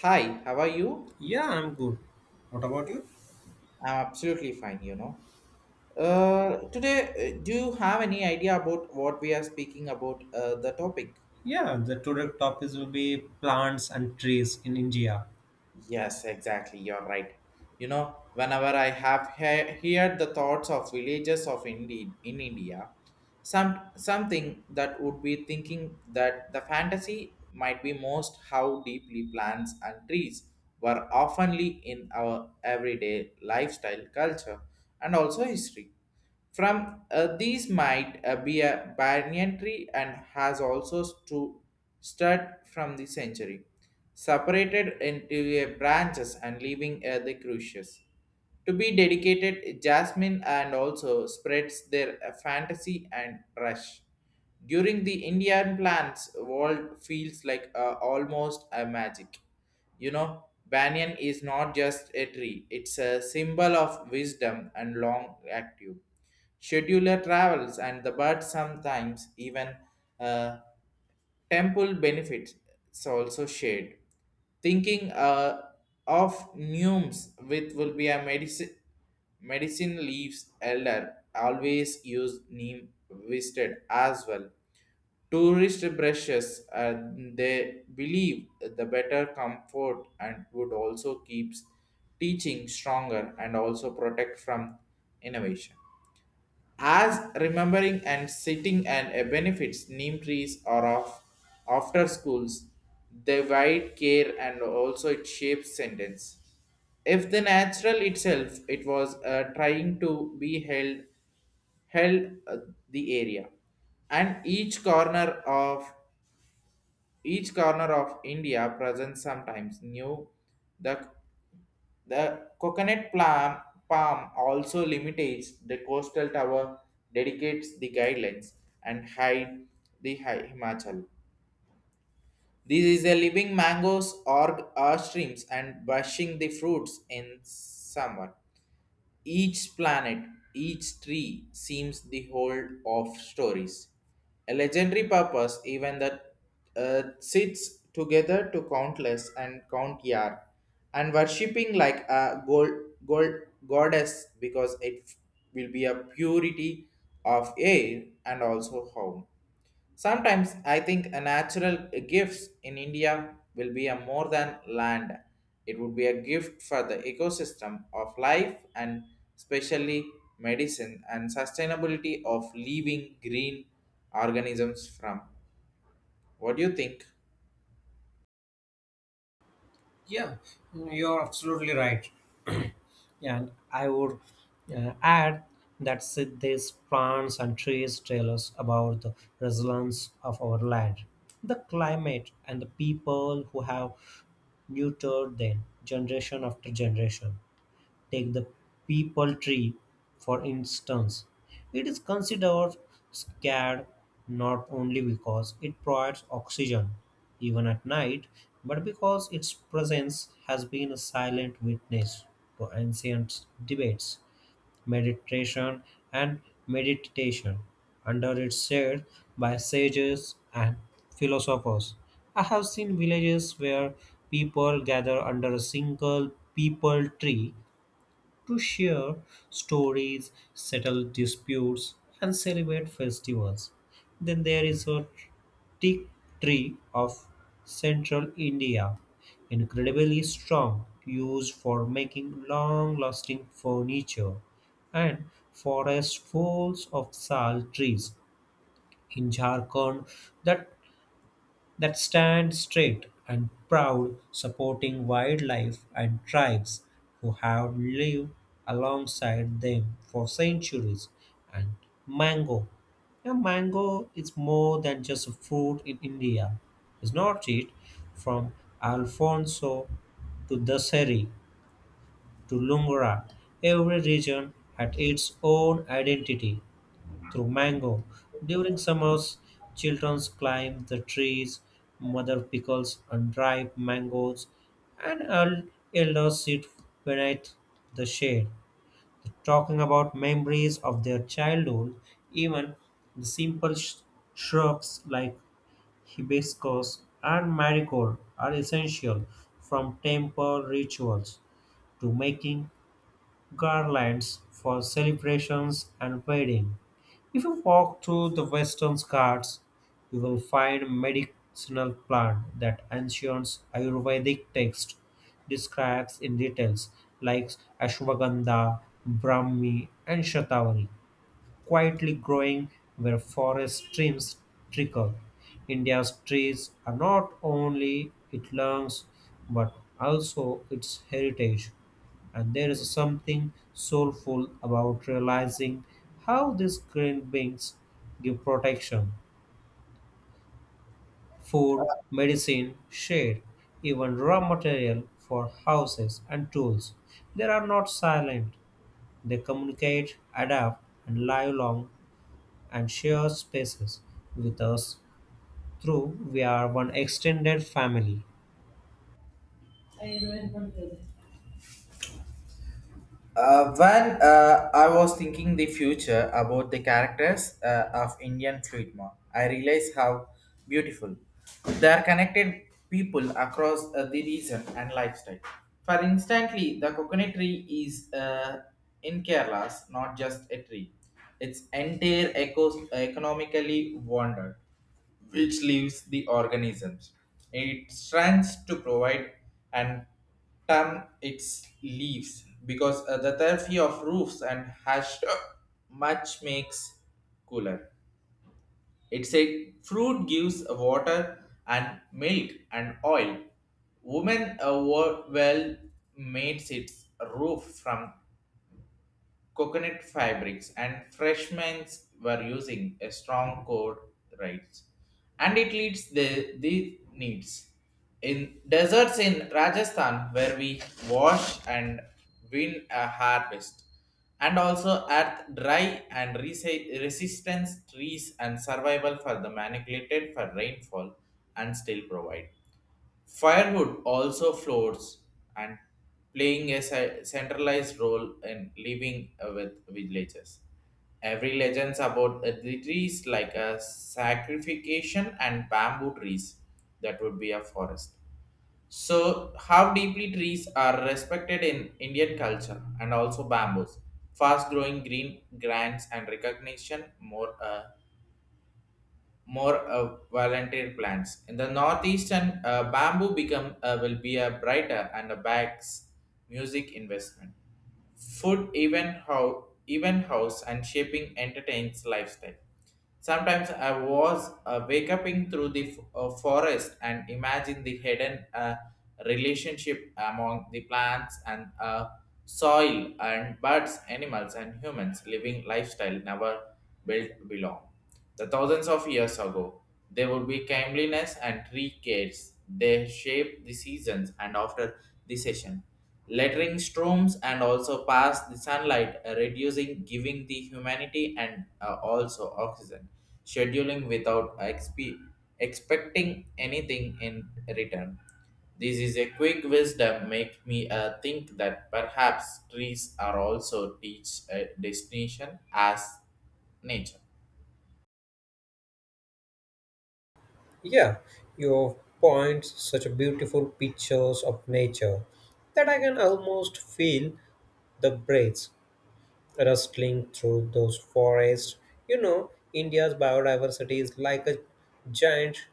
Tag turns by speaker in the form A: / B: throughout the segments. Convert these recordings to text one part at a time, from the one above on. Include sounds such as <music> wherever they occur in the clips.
A: Hi, how are you?
B: Yeah, I'm good. What about you?
A: I'm absolutely fine, you know. Today, do you have any idea about what we are speaking about the topic?
B: Yeah, the today topics will be plants and trees in India.
A: Yes, exactly. You're right. Whenever I have heard the thoughts of villages of in India, something that would be thinking that the fantasy might be most how deeply plants and trees were oftenly in our everyday lifestyle culture and also history from these might be a banyan tree and has also stud from the century, separated into a branches and leaving the crucius to be dedicated jasmine and also spreads their fantasy and rush during the indian plants world feels like almost a magic. You know, banyan is not just a tree, it's a symbol of wisdom and long active scheduler travels and the bird sometimes even uh, temple benefits is also shared. Thinking of Numes with will be a medicine leaves elder always use neem visited as well. Tourist brushes, they believe the better comfort and would also keeps teaching stronger and also protect from innovation. As remembering and sitting and a benefits neem trees are of after schools, they wide care and also it shapes sentence. If the natural itself, it was trying to be held, the area and each corner of india presents sometimes new the the palm also limitates the coastal tower, dedicates the guidelines, and hide the Himachal. This is a living mangoes or streams and bushing the fruits in summer. Each planet, each tree seems the whole of stories. A legendary purpose, even that sits together to countless and count yar, and worshipping like a gold goddess because it will be a purity of air and also home. Sometimes I think a natural gifts in India will be a more than land. It would be a gift for the ecosystem of life and especially medicine and sustainability of living green organisms from. What do you think?
B: Yeah, you're absolutely right. Yeah, and I would add that these plants and trees tell us about the resilience of our land, the climate, and the people who have nurtured them generation after generation. Take the peepal tree, for instance. It is considered sacred not only because it provides oxygen, even at night, but because its presence has been a silent witness to ancient debates, meditation, and meditation. Under its shade, by sages and philosophers. I have seen villages where people gather under a single peepal tree to share stories, settle disputes, and celebrate festivals. Then there is a teak tree of central India, incredibly strong, used for making long lasting furniture, and forest full of sal trees in Jharkhand that stand straight and proud, supporting wildlife and tribes who have lived alongside them for centuries. And mango. Now, mango is more than just a fruit in India. It's not it. From Alfonso to Daseri to Lungura, every region had its own identity through mango. During summers, children climb the trees, mother pickles unripe mangoes, and elders sit beneath the shade, talking about memories of their childhood. Even the simple shrubs like hibiscus and marigold are essential, from temple rituals to making garlands for celebrations and weddings. If you walk through the western Ghats, you will find medicinal plant that ancient Ayurvedic text describes in details, like ashwagandha, brahmi, and shatavari, quietly growing where forest streams trickle. India's trees are not only its lungs but also its heritage. And there is something soulful about realizing how these green beings give protection, food, medicine, shade, even raw material for houses and tools. They are not silent, they communicate, adapt, and live long and share spaces with us through we are one extended family.
A: When I was thinking the future about the characters of Indian cinema, I realized how beautiful they are connected people across the region and lifestyle. For instantly, the coconut tree is in Kerala's not just a tree; it's entire economically wandered which leaves the organisms. It strands to provide and term its leaves because the therapy of roofs and hash <coughs> much makes cooler. It's a fruit gives water and milk and oil. Women were well made its roof from coconut fabrics and freshmen were using a strong code rights, and it leads the needs in deserts in rajasthan where we wash and win a harvest and also earth dry and resistance trees and survival for the manipulated for rainfall and still provide firewood also floats and playing a centralized role in living with villages. Every legends about the trees like a sacrification and bamboo trees that would be a forest. So how deeply trees are respected in Indian culture and also bamboos. Fast growing green grants and recognition more volunteer plants. In the northeastern, bamboo become will be a brighter and a bags music investment. Food even how even house and shaping entertains lifestyle. Sometimes I was wake up in through the forest and imagine the hidden relationship among the plants and soil and birds, animals and humans living lifestyle never built belong. The thousands of years ago, there would be kindliness and tree cares. They shape the seasons and after the session. Lettering storms and also pass the sunlight, reducing, giving the humanity and also oxygen. Scheduling without expecting anything in return. This is a quick wisdom make me think that perhaps trees are also teach a destination as nature.
B: Yeah, you point such a beautiful pictures of nature that I can almost feel the breeze rustling through those forests. You know, India's biodiversity is like a giant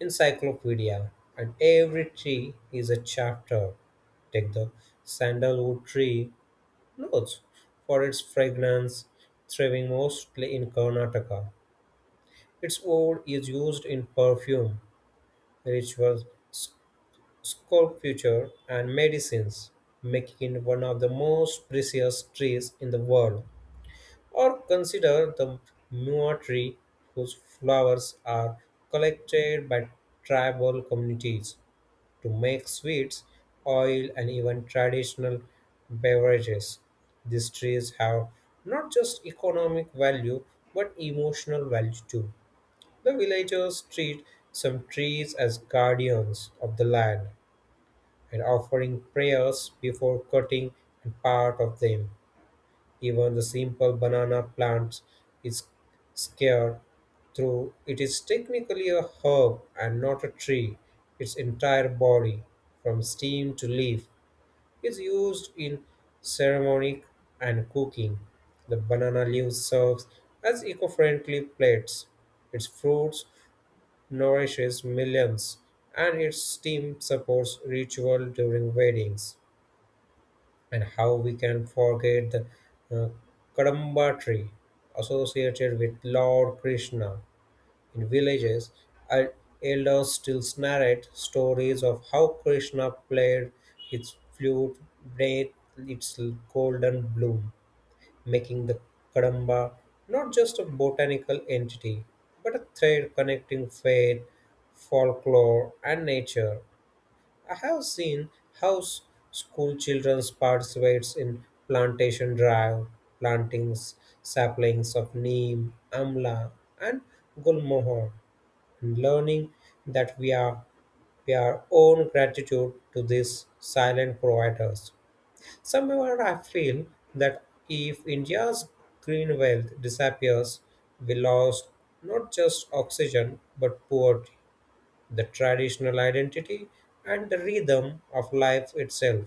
B: encyclopedia, and every tree is a chapter. Take the sandalwood tree notes for its fragrance, thriving mostly in Karnataka. Its wood is used in perfume, rituals, sculpture, and medicines, making it one of the most precious trees in the world. Or consider the mua tree whose flowers are collected by tribal communities to make sweets, oil, and even traditional beverages. These trees have not just economic value but emotional value too. The villagers treat some trees as guardians of the land and offering prayers before cutting a part of them. Even the simple banana plant is scared through it is technically a herb and not a tree. Its entire body, from stem to leaf, is used in ceremony and cooking. The banana leaves serves as eco-friendly plates. Its fruits nourishes millions, and its steam supports ritual during weddings. And how we can forget the uh, Kadamba tree associated with Lord Krishna. In villages, el- elders still narrate stories of how Krishna played his flute beneath its golden bloom, making the Kadamba not just a botanical entity, but a thread connecting faith, folklore, and nature. I have seen how school children participates in plantation drive, plantings saplings of neem, amla, and gulmohor, and learning that we are own gratitude to these silent providers. Somewhere I feel that if India's green wealth disappears, we lost not just oxygen but poverty the traditional identity, and the rhythm of life itself.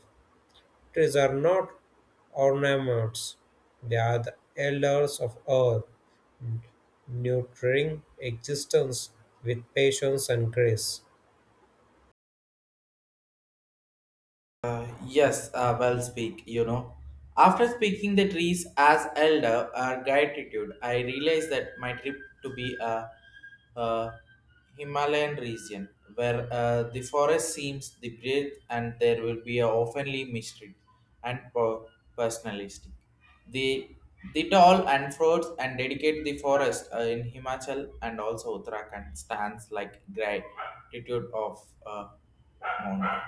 B: Trees are not ornaments, they are the elders of earth, nurturing existence with patience and grace.
A: Uh, yes, well speak, you know. After speaking the trees as elder or gratitude, I realized that my trip to be a, uh Himalayan region where the forest seems the breath and there will be a oftenly mystery and personalistic. The the tall and fruits and dedicate the forest in Himachal and also Uttarakhand stands like gratitude of mountain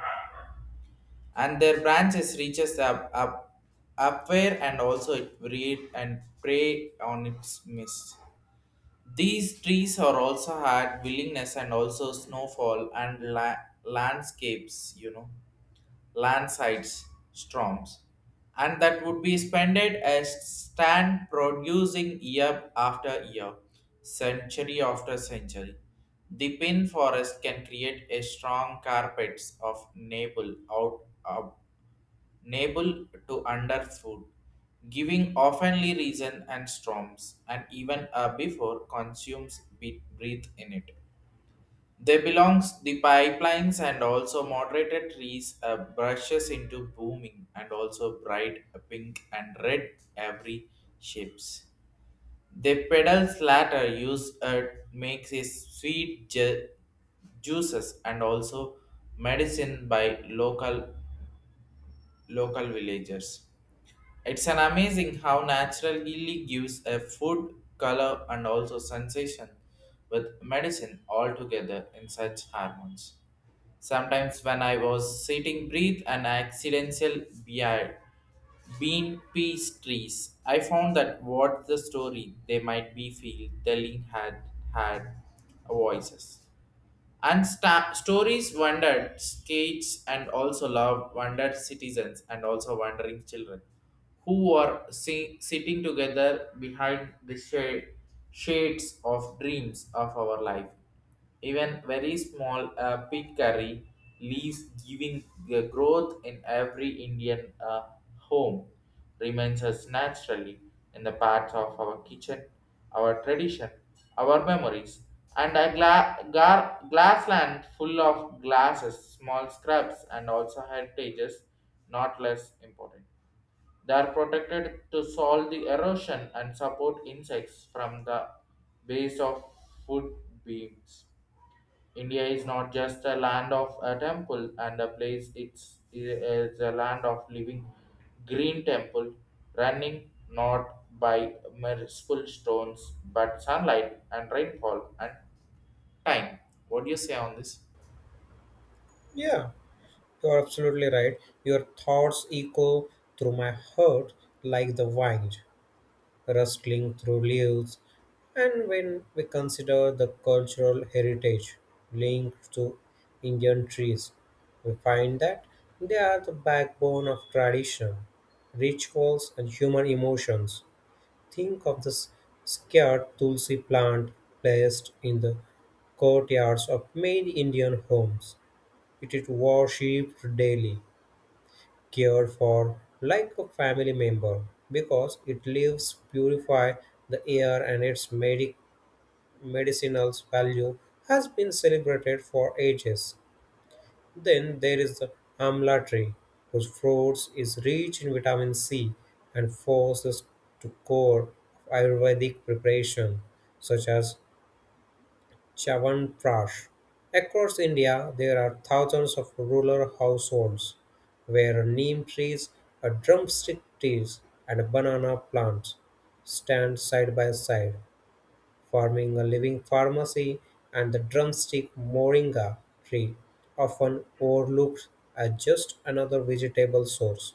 A: and their branches reaches up upward and also it read and prey on its mist. These trees are also had willingness and also snowfall and landscapes, you know, landslides, storms, and that would be spended as stand producing year after year, century after century. The pin forest can create a strong carpets of navel out nable to underfoot, giving oftenly reason and storms, and even before consumes breathe in it. They belongs the pipelines and also moderated trees brushes into booming and also bright pink and red every shapes. The pedals latter use, makes a sweet juices and also medicine by local villagers. It's an amazing how natural healing gives a food, color, and also sensation with medicine all together in such harmonies. Sometimes when I was sitting breathe an accidental beard bean peas trees, I found that what the story they might be feel telling had voices. And stories wondered skates and also love wondered citizens and also wandering children who were sitting together behind the shade, shades of dreams of our life. Even very small pig curry leaves giving the growth in every Indian home remains us naturally in the parts of our kitchen, our tradition, our memories, and a glass land full of glasses, small scraps, and also heritages, not less important. They are protected to solve the erosion and support insects from the base of food beams. India is not just a land of a temple and a place, it's a land of living green temple running not by merciful stones but sunlight and rainfall and time. What do you say on this?
B: Yeah, you're absolutely right. Your thoughts echo through my heart like the wind rustling through leaves, and when we consider the cultural heritage linked to Indian trees, we find that they are the backbone of tradition, rituals, and human emotions. Think of this scared tulsi plant placed in the courtyards of many Indian homes. It is worshipped daily cared for like a family member because it leaves purify the air and its medicinal value has been celebrated for ages. Then there is the amla tree, whose fruits is rich in vitamin C and forces to core of Ayurvedic preparation, such as Chyawanprash. Across India, there are thousands of rural households where neem trees, a drumstick trees, and banana plants stand side by side, forming a living pharmacy and the drumstick moringa tree, often overlooked as just another vegetable source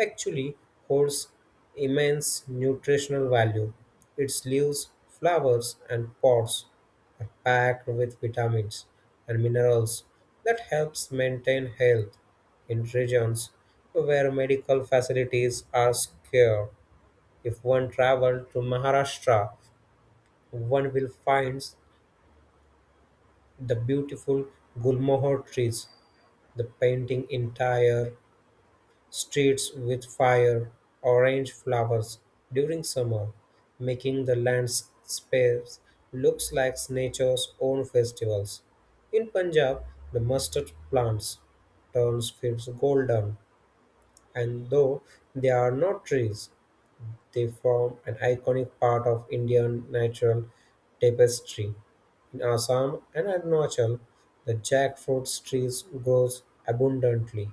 B: actually holds immense nutritional value. Its leaves, flowers, and pods are packed with vitamins and minerals that helps maintain health in regions where medical facilities are scarce. If one travels to Maharashtra, one will find the beautiful gulmohar trees, the painting entire streets with fire orange flowers during summer, making the landscapes looks like nature's own festivals. In Punjab, the mustard plants turns fields golden, and though they are not trees, they form an iconic part of Indian natural tapestry. In Assam and Arunachal, the jackfruit trees grows abundantly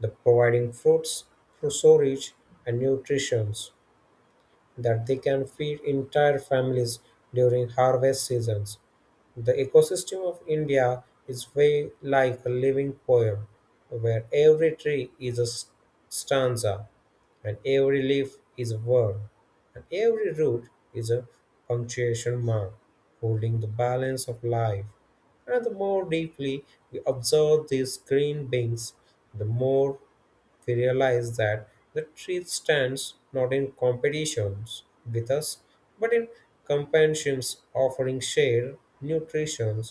B: the providing fruits, storage and nutrition that they can feed entire families during harvest seasons. The ecosystem of India is way like a living poem where every tree is a stanza and every leaf is a word and every root is a punctuation mark holding the balance of life. And the more deeply we observe these green beings, the more we realize that the truth stands not in competitions with us, but in companions offering shade, nutrition,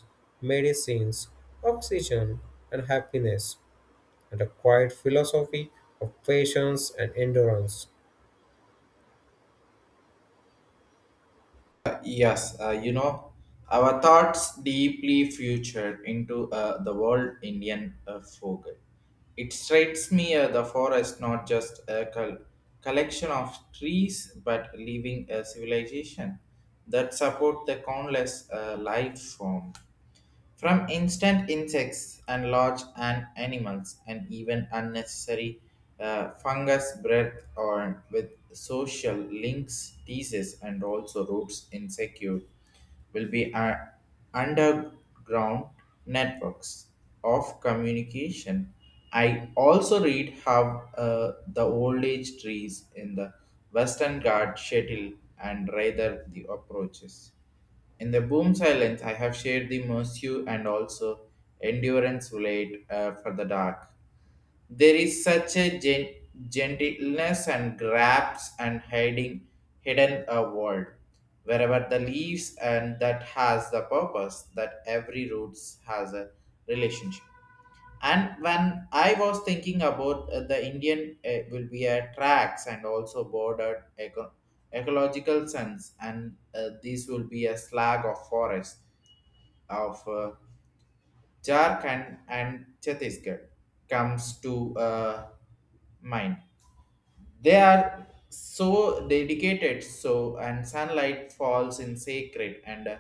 B: medicines, oxygen, and happiness, and a quiet philosophy of patience and endurance.
A: Yes, our thoughts deeply future into the world Indian folk. It strikes me the forest not just a collection of trees but living a civilization that support the countless life form. From instant insects and large and animals and even unnecessary fungus breath or with social links, diseases and also roots insecure will be underground networks of communication. I also read how the old age trees in the Western Ghat shuttle and rather the approaches. In the boom silence, I have shared the mercy and also endurance relate for the dark. There is such a gentleness and grabs and hiding hidden a world wherever the leaves and that has the purpose that every roots has a relationship. And when I was thinking about the indian will be a tracks and also bordered ecological sense and these will be a slag of forest of jharkhand and chhattisgarh comes to mind. They are so dedicated so and sunlight falls in sacred and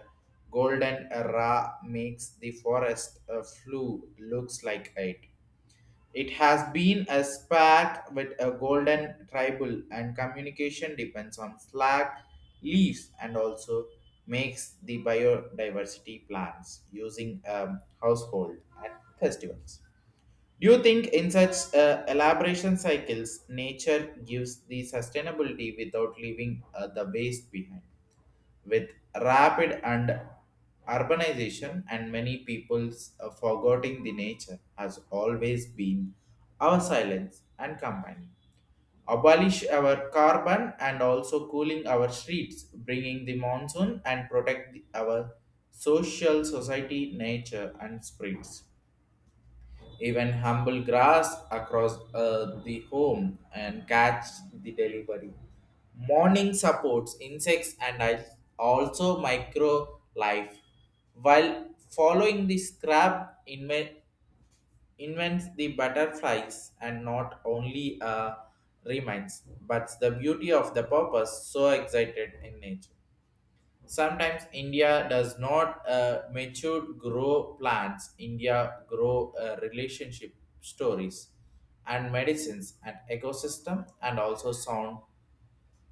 A: golden ra makes the forest flue looks like it has been a spark with a golden tribal and communication depends on slack leaves and also makes the biodiversity plans using household and festivals. Do you think in such elaboration cycles, nature gives the sustainability without leaving the waste behind? With rapid and urbanization and many people's forgetting the nature has always been our silence and company, abolish our carbon and also cooling our streets bringing the monsoon and protect our social society nature and spirits, even humble grass across the home and catch the delivery. Morning supports insects and I also micro life. While following the scrap invents the butterflies and not only reminds, but the beauty of the purpose so excited in nature. Sometimes India does not mature grow plants. India grow relationship stories and medicines and ecosystem and also sound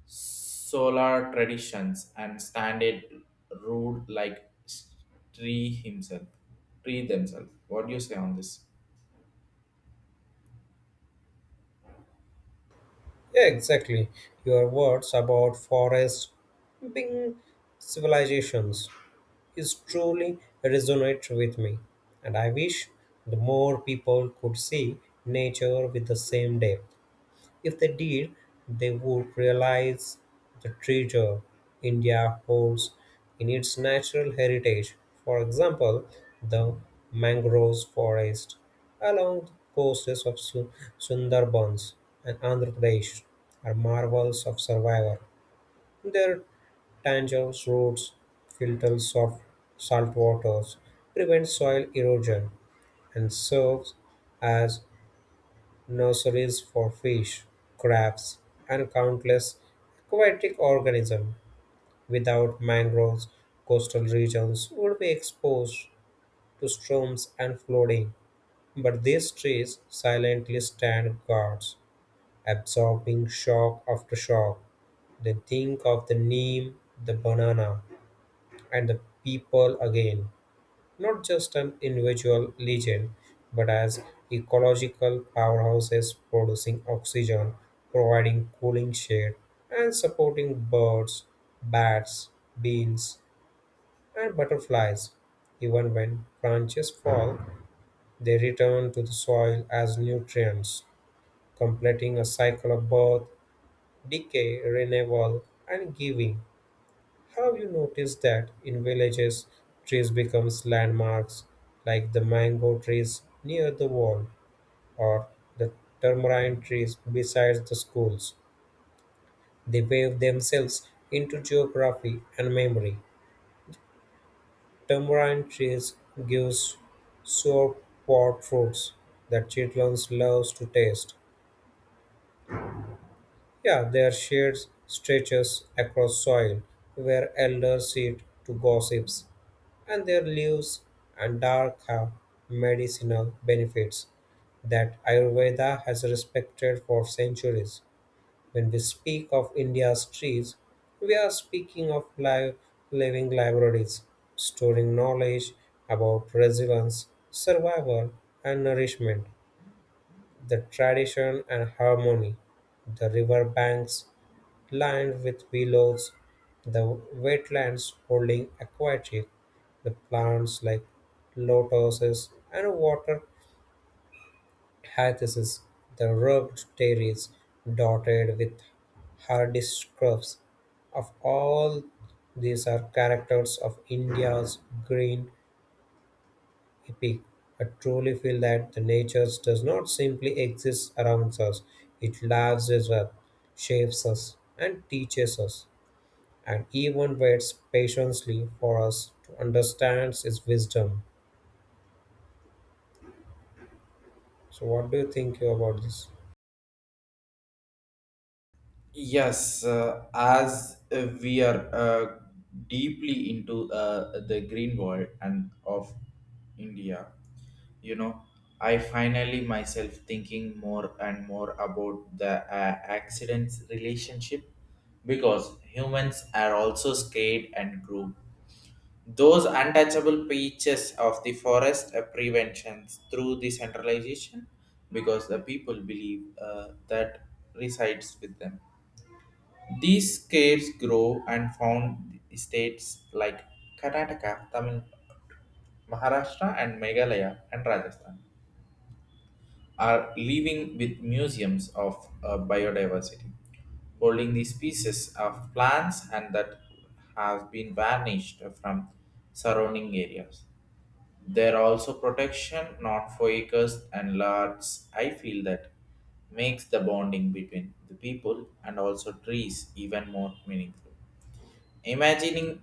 A: solar traditions and standard rude like tree himself, tree themselves. What do you say on this?
B: Yeah, exactly. Your words about forests being civilizations is truly resonate with me, and I wish the more people could see nature with the same depth. If they did, they would realize the treasure India holds in its natural heritage. For example, the mangroves forest along the coasts of Sundarbans and Andhra Pradesh are marvels of survival. Their Tanger's roads filter soft salt waters, prevent soil erosion, and serves as nurseries for fish, crabs, and countless aquatic organisms. Without mangroves, coastal regions would be exposed to storms and flooding. But these trees silently stand guards, absorbing shock after shock. They think of the neem, the banana, and the people again, not just an individual legend, but as ecological powerhouses producing oxygen, providing cooling shade, and supporting birds, bats, bees, and butterflies. Even when branches fall, they return to the soil as nutrients, completing a cycle of birth, decay, renewal, and giving. Have you noticed that in villages, trees becomes landmarks, like the mango trees near the wall or the tamarind trees beside the schools? They wave themselves into geography and memory. Tamarind trees gives sour pot fruits that children loves to taste. Yeah, their shade stretches across soil where elders sit to gossips and their leaves and dark have medicinal benefits that Ayurveda has respected for centuries. When we speak of India's trees, we are speaking of live, living libraries, storing knowledge about resilience, survival, and nourishment, the tradition and harmony, the river banks lined with willows, the wetlands holding aquatic the plants like lotuses and water hyacinths, the rugged terrace dotted with hardy scrubs. Of all these are characters of India's green epic. I truly feel that the nature does not simply exist around us, it lives with us, shapes us, and teaches us, and even waits patiently for us to understand his wisdom. So, what do you think about this?
A: Yes, as we are, deeply into the green world and of India, you know, I finally myself thinking more and more about the accidents relationship because humans are also scared and group. Those untouchable patches of the forest preventions through the centralization because the people believe that resides with them. These caves grow and found in states like Karnataka, Tamil, Maharashtra, and Meghalaya and Rajasthan are living with museums of biodiversity, holding the species of plants and that has been vanished from surrounding areas. There are also protection, not for acres and lards. I feel that makes the bonding between the people and also trees even more meaningful. Imagining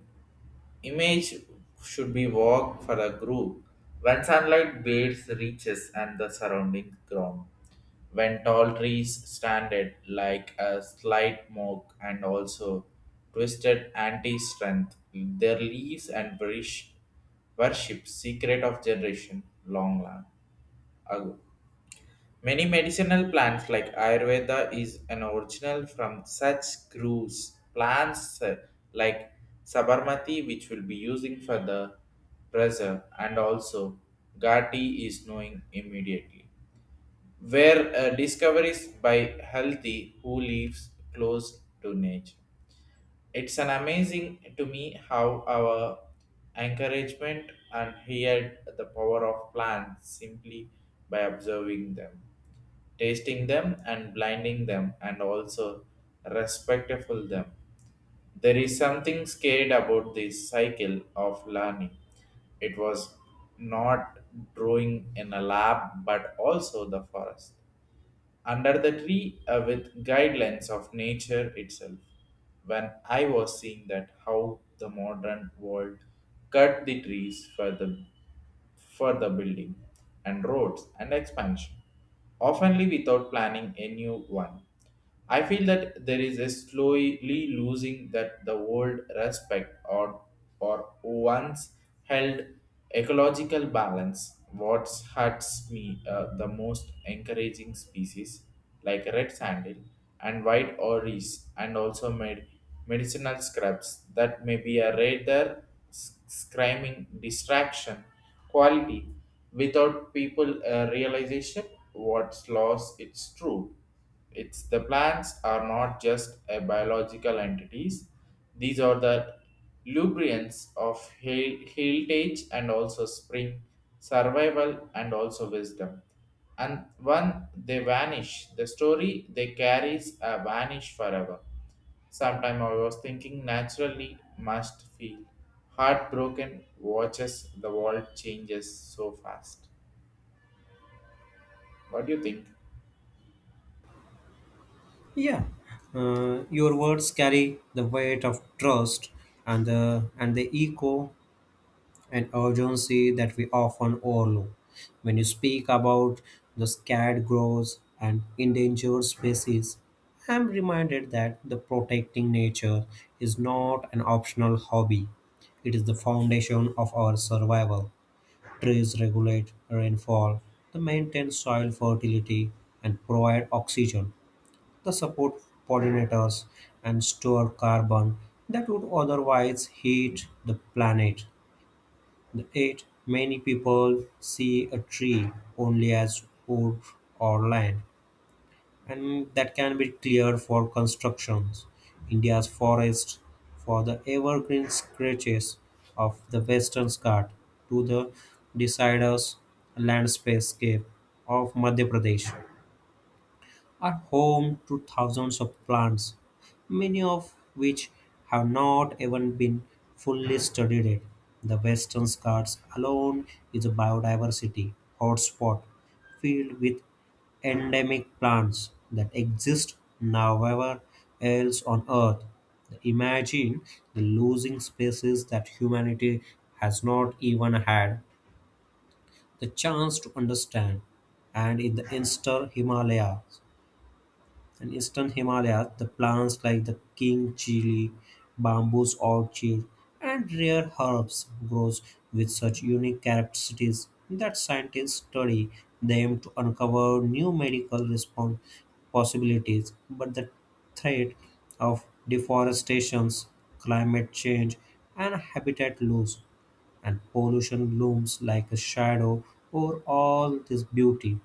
A: image should be walk for a group when sunlight bathes reaches and the surrounding ground. When tall trees standed like a slight mock and also twisted anti-strength, their leaves and burish worship secret of generation long ago. Many medicinal plants like Ayurveda is an original from such groves. Plants, like Sabarmati, which will be using for the pressure, and also Gati is knowing immediately. Where discoveries by healthy who lives close to nature. It's an amazing to me how our encouragement and heard the power of plants simply by observing them, tasting them and blinding them and also respectful them. There is something scared about this cycle of learning. It was not drawing in a lab but also the forest under the tree with guidelines of nature itself. When I was seeing that how the modern world cut the trees for the building and roads and expansion, oftenly without planning a new one. I feel that there is a slowly losing that the old respect or once held ecological balance. What hurts me the most encouraging species like red sandal and white orris and also made medicinal scrubs that may be a rare screaming distraction quality without people realization what's lost. It's true, it's the plants are not just a biological entities, these are the lubricants of heritage and also spring survival and also wisdom, and when they vanish, the story they carries a vanish forever. Sometime I was thinking naturally must feel heartbroken watches the world changes so fast. What do you think?
B: Yeah, your words carry the weight of trust and the echo and urgency that we often overlook. When you speak about the scared groves and endangered species, I am reminded that the protecting nature is not an optional hobby. It is the foundation of our survival. Trees regulate rainfall, they maintain soil fertility, and provide oxygen. They support pollinators and store carbon that would otherwise heat the planet. Eight, many people see a tree only as wood or land and that can be cleared for constructions. India's forests, for the evergreen stretches of the western Ghat to the deciduous landscape of Madhya Pradesh, are home to thousands of plants, many of which have not even been fully studied yet. The western Ghats alone is a biodiversity hotspot filled with endemic plants that exist nowhere else on Earth. Imagine the losing species that humanity has not even had the chance to understand, and in the Insta Himalayas. In eastern Himalayas, the plants like the king chili, bamboos orchid, and rare herbs grows with such unique characteristics that scientists study them to uncover new medical response possibilities. But the threat of deforestation, climate change, and habitat loss and pollution looms like a shadow over all this beauty.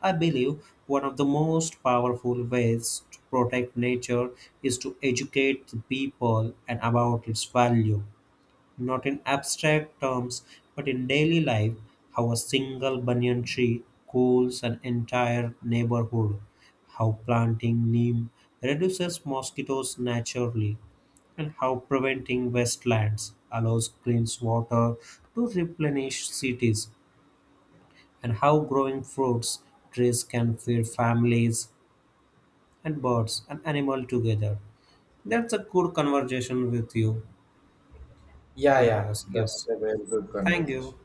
B: I believe one of the most powerful ways to protect nature is to educate the people and about its value, not in abstract terms, but in daily life, how a single banyan tree cools an entire neighborhood, how planting neem reduces mosquitoes naturally, and how preventing wastelands allows clean water to replenish cities, and how growing fruits trees can feed families and birds and animals together. That's a good conversation with you.
A: Yeah, yeah,
B: Yes,
A: that's
B: yes.
A: a very good
B: Thank you.
A: conversation.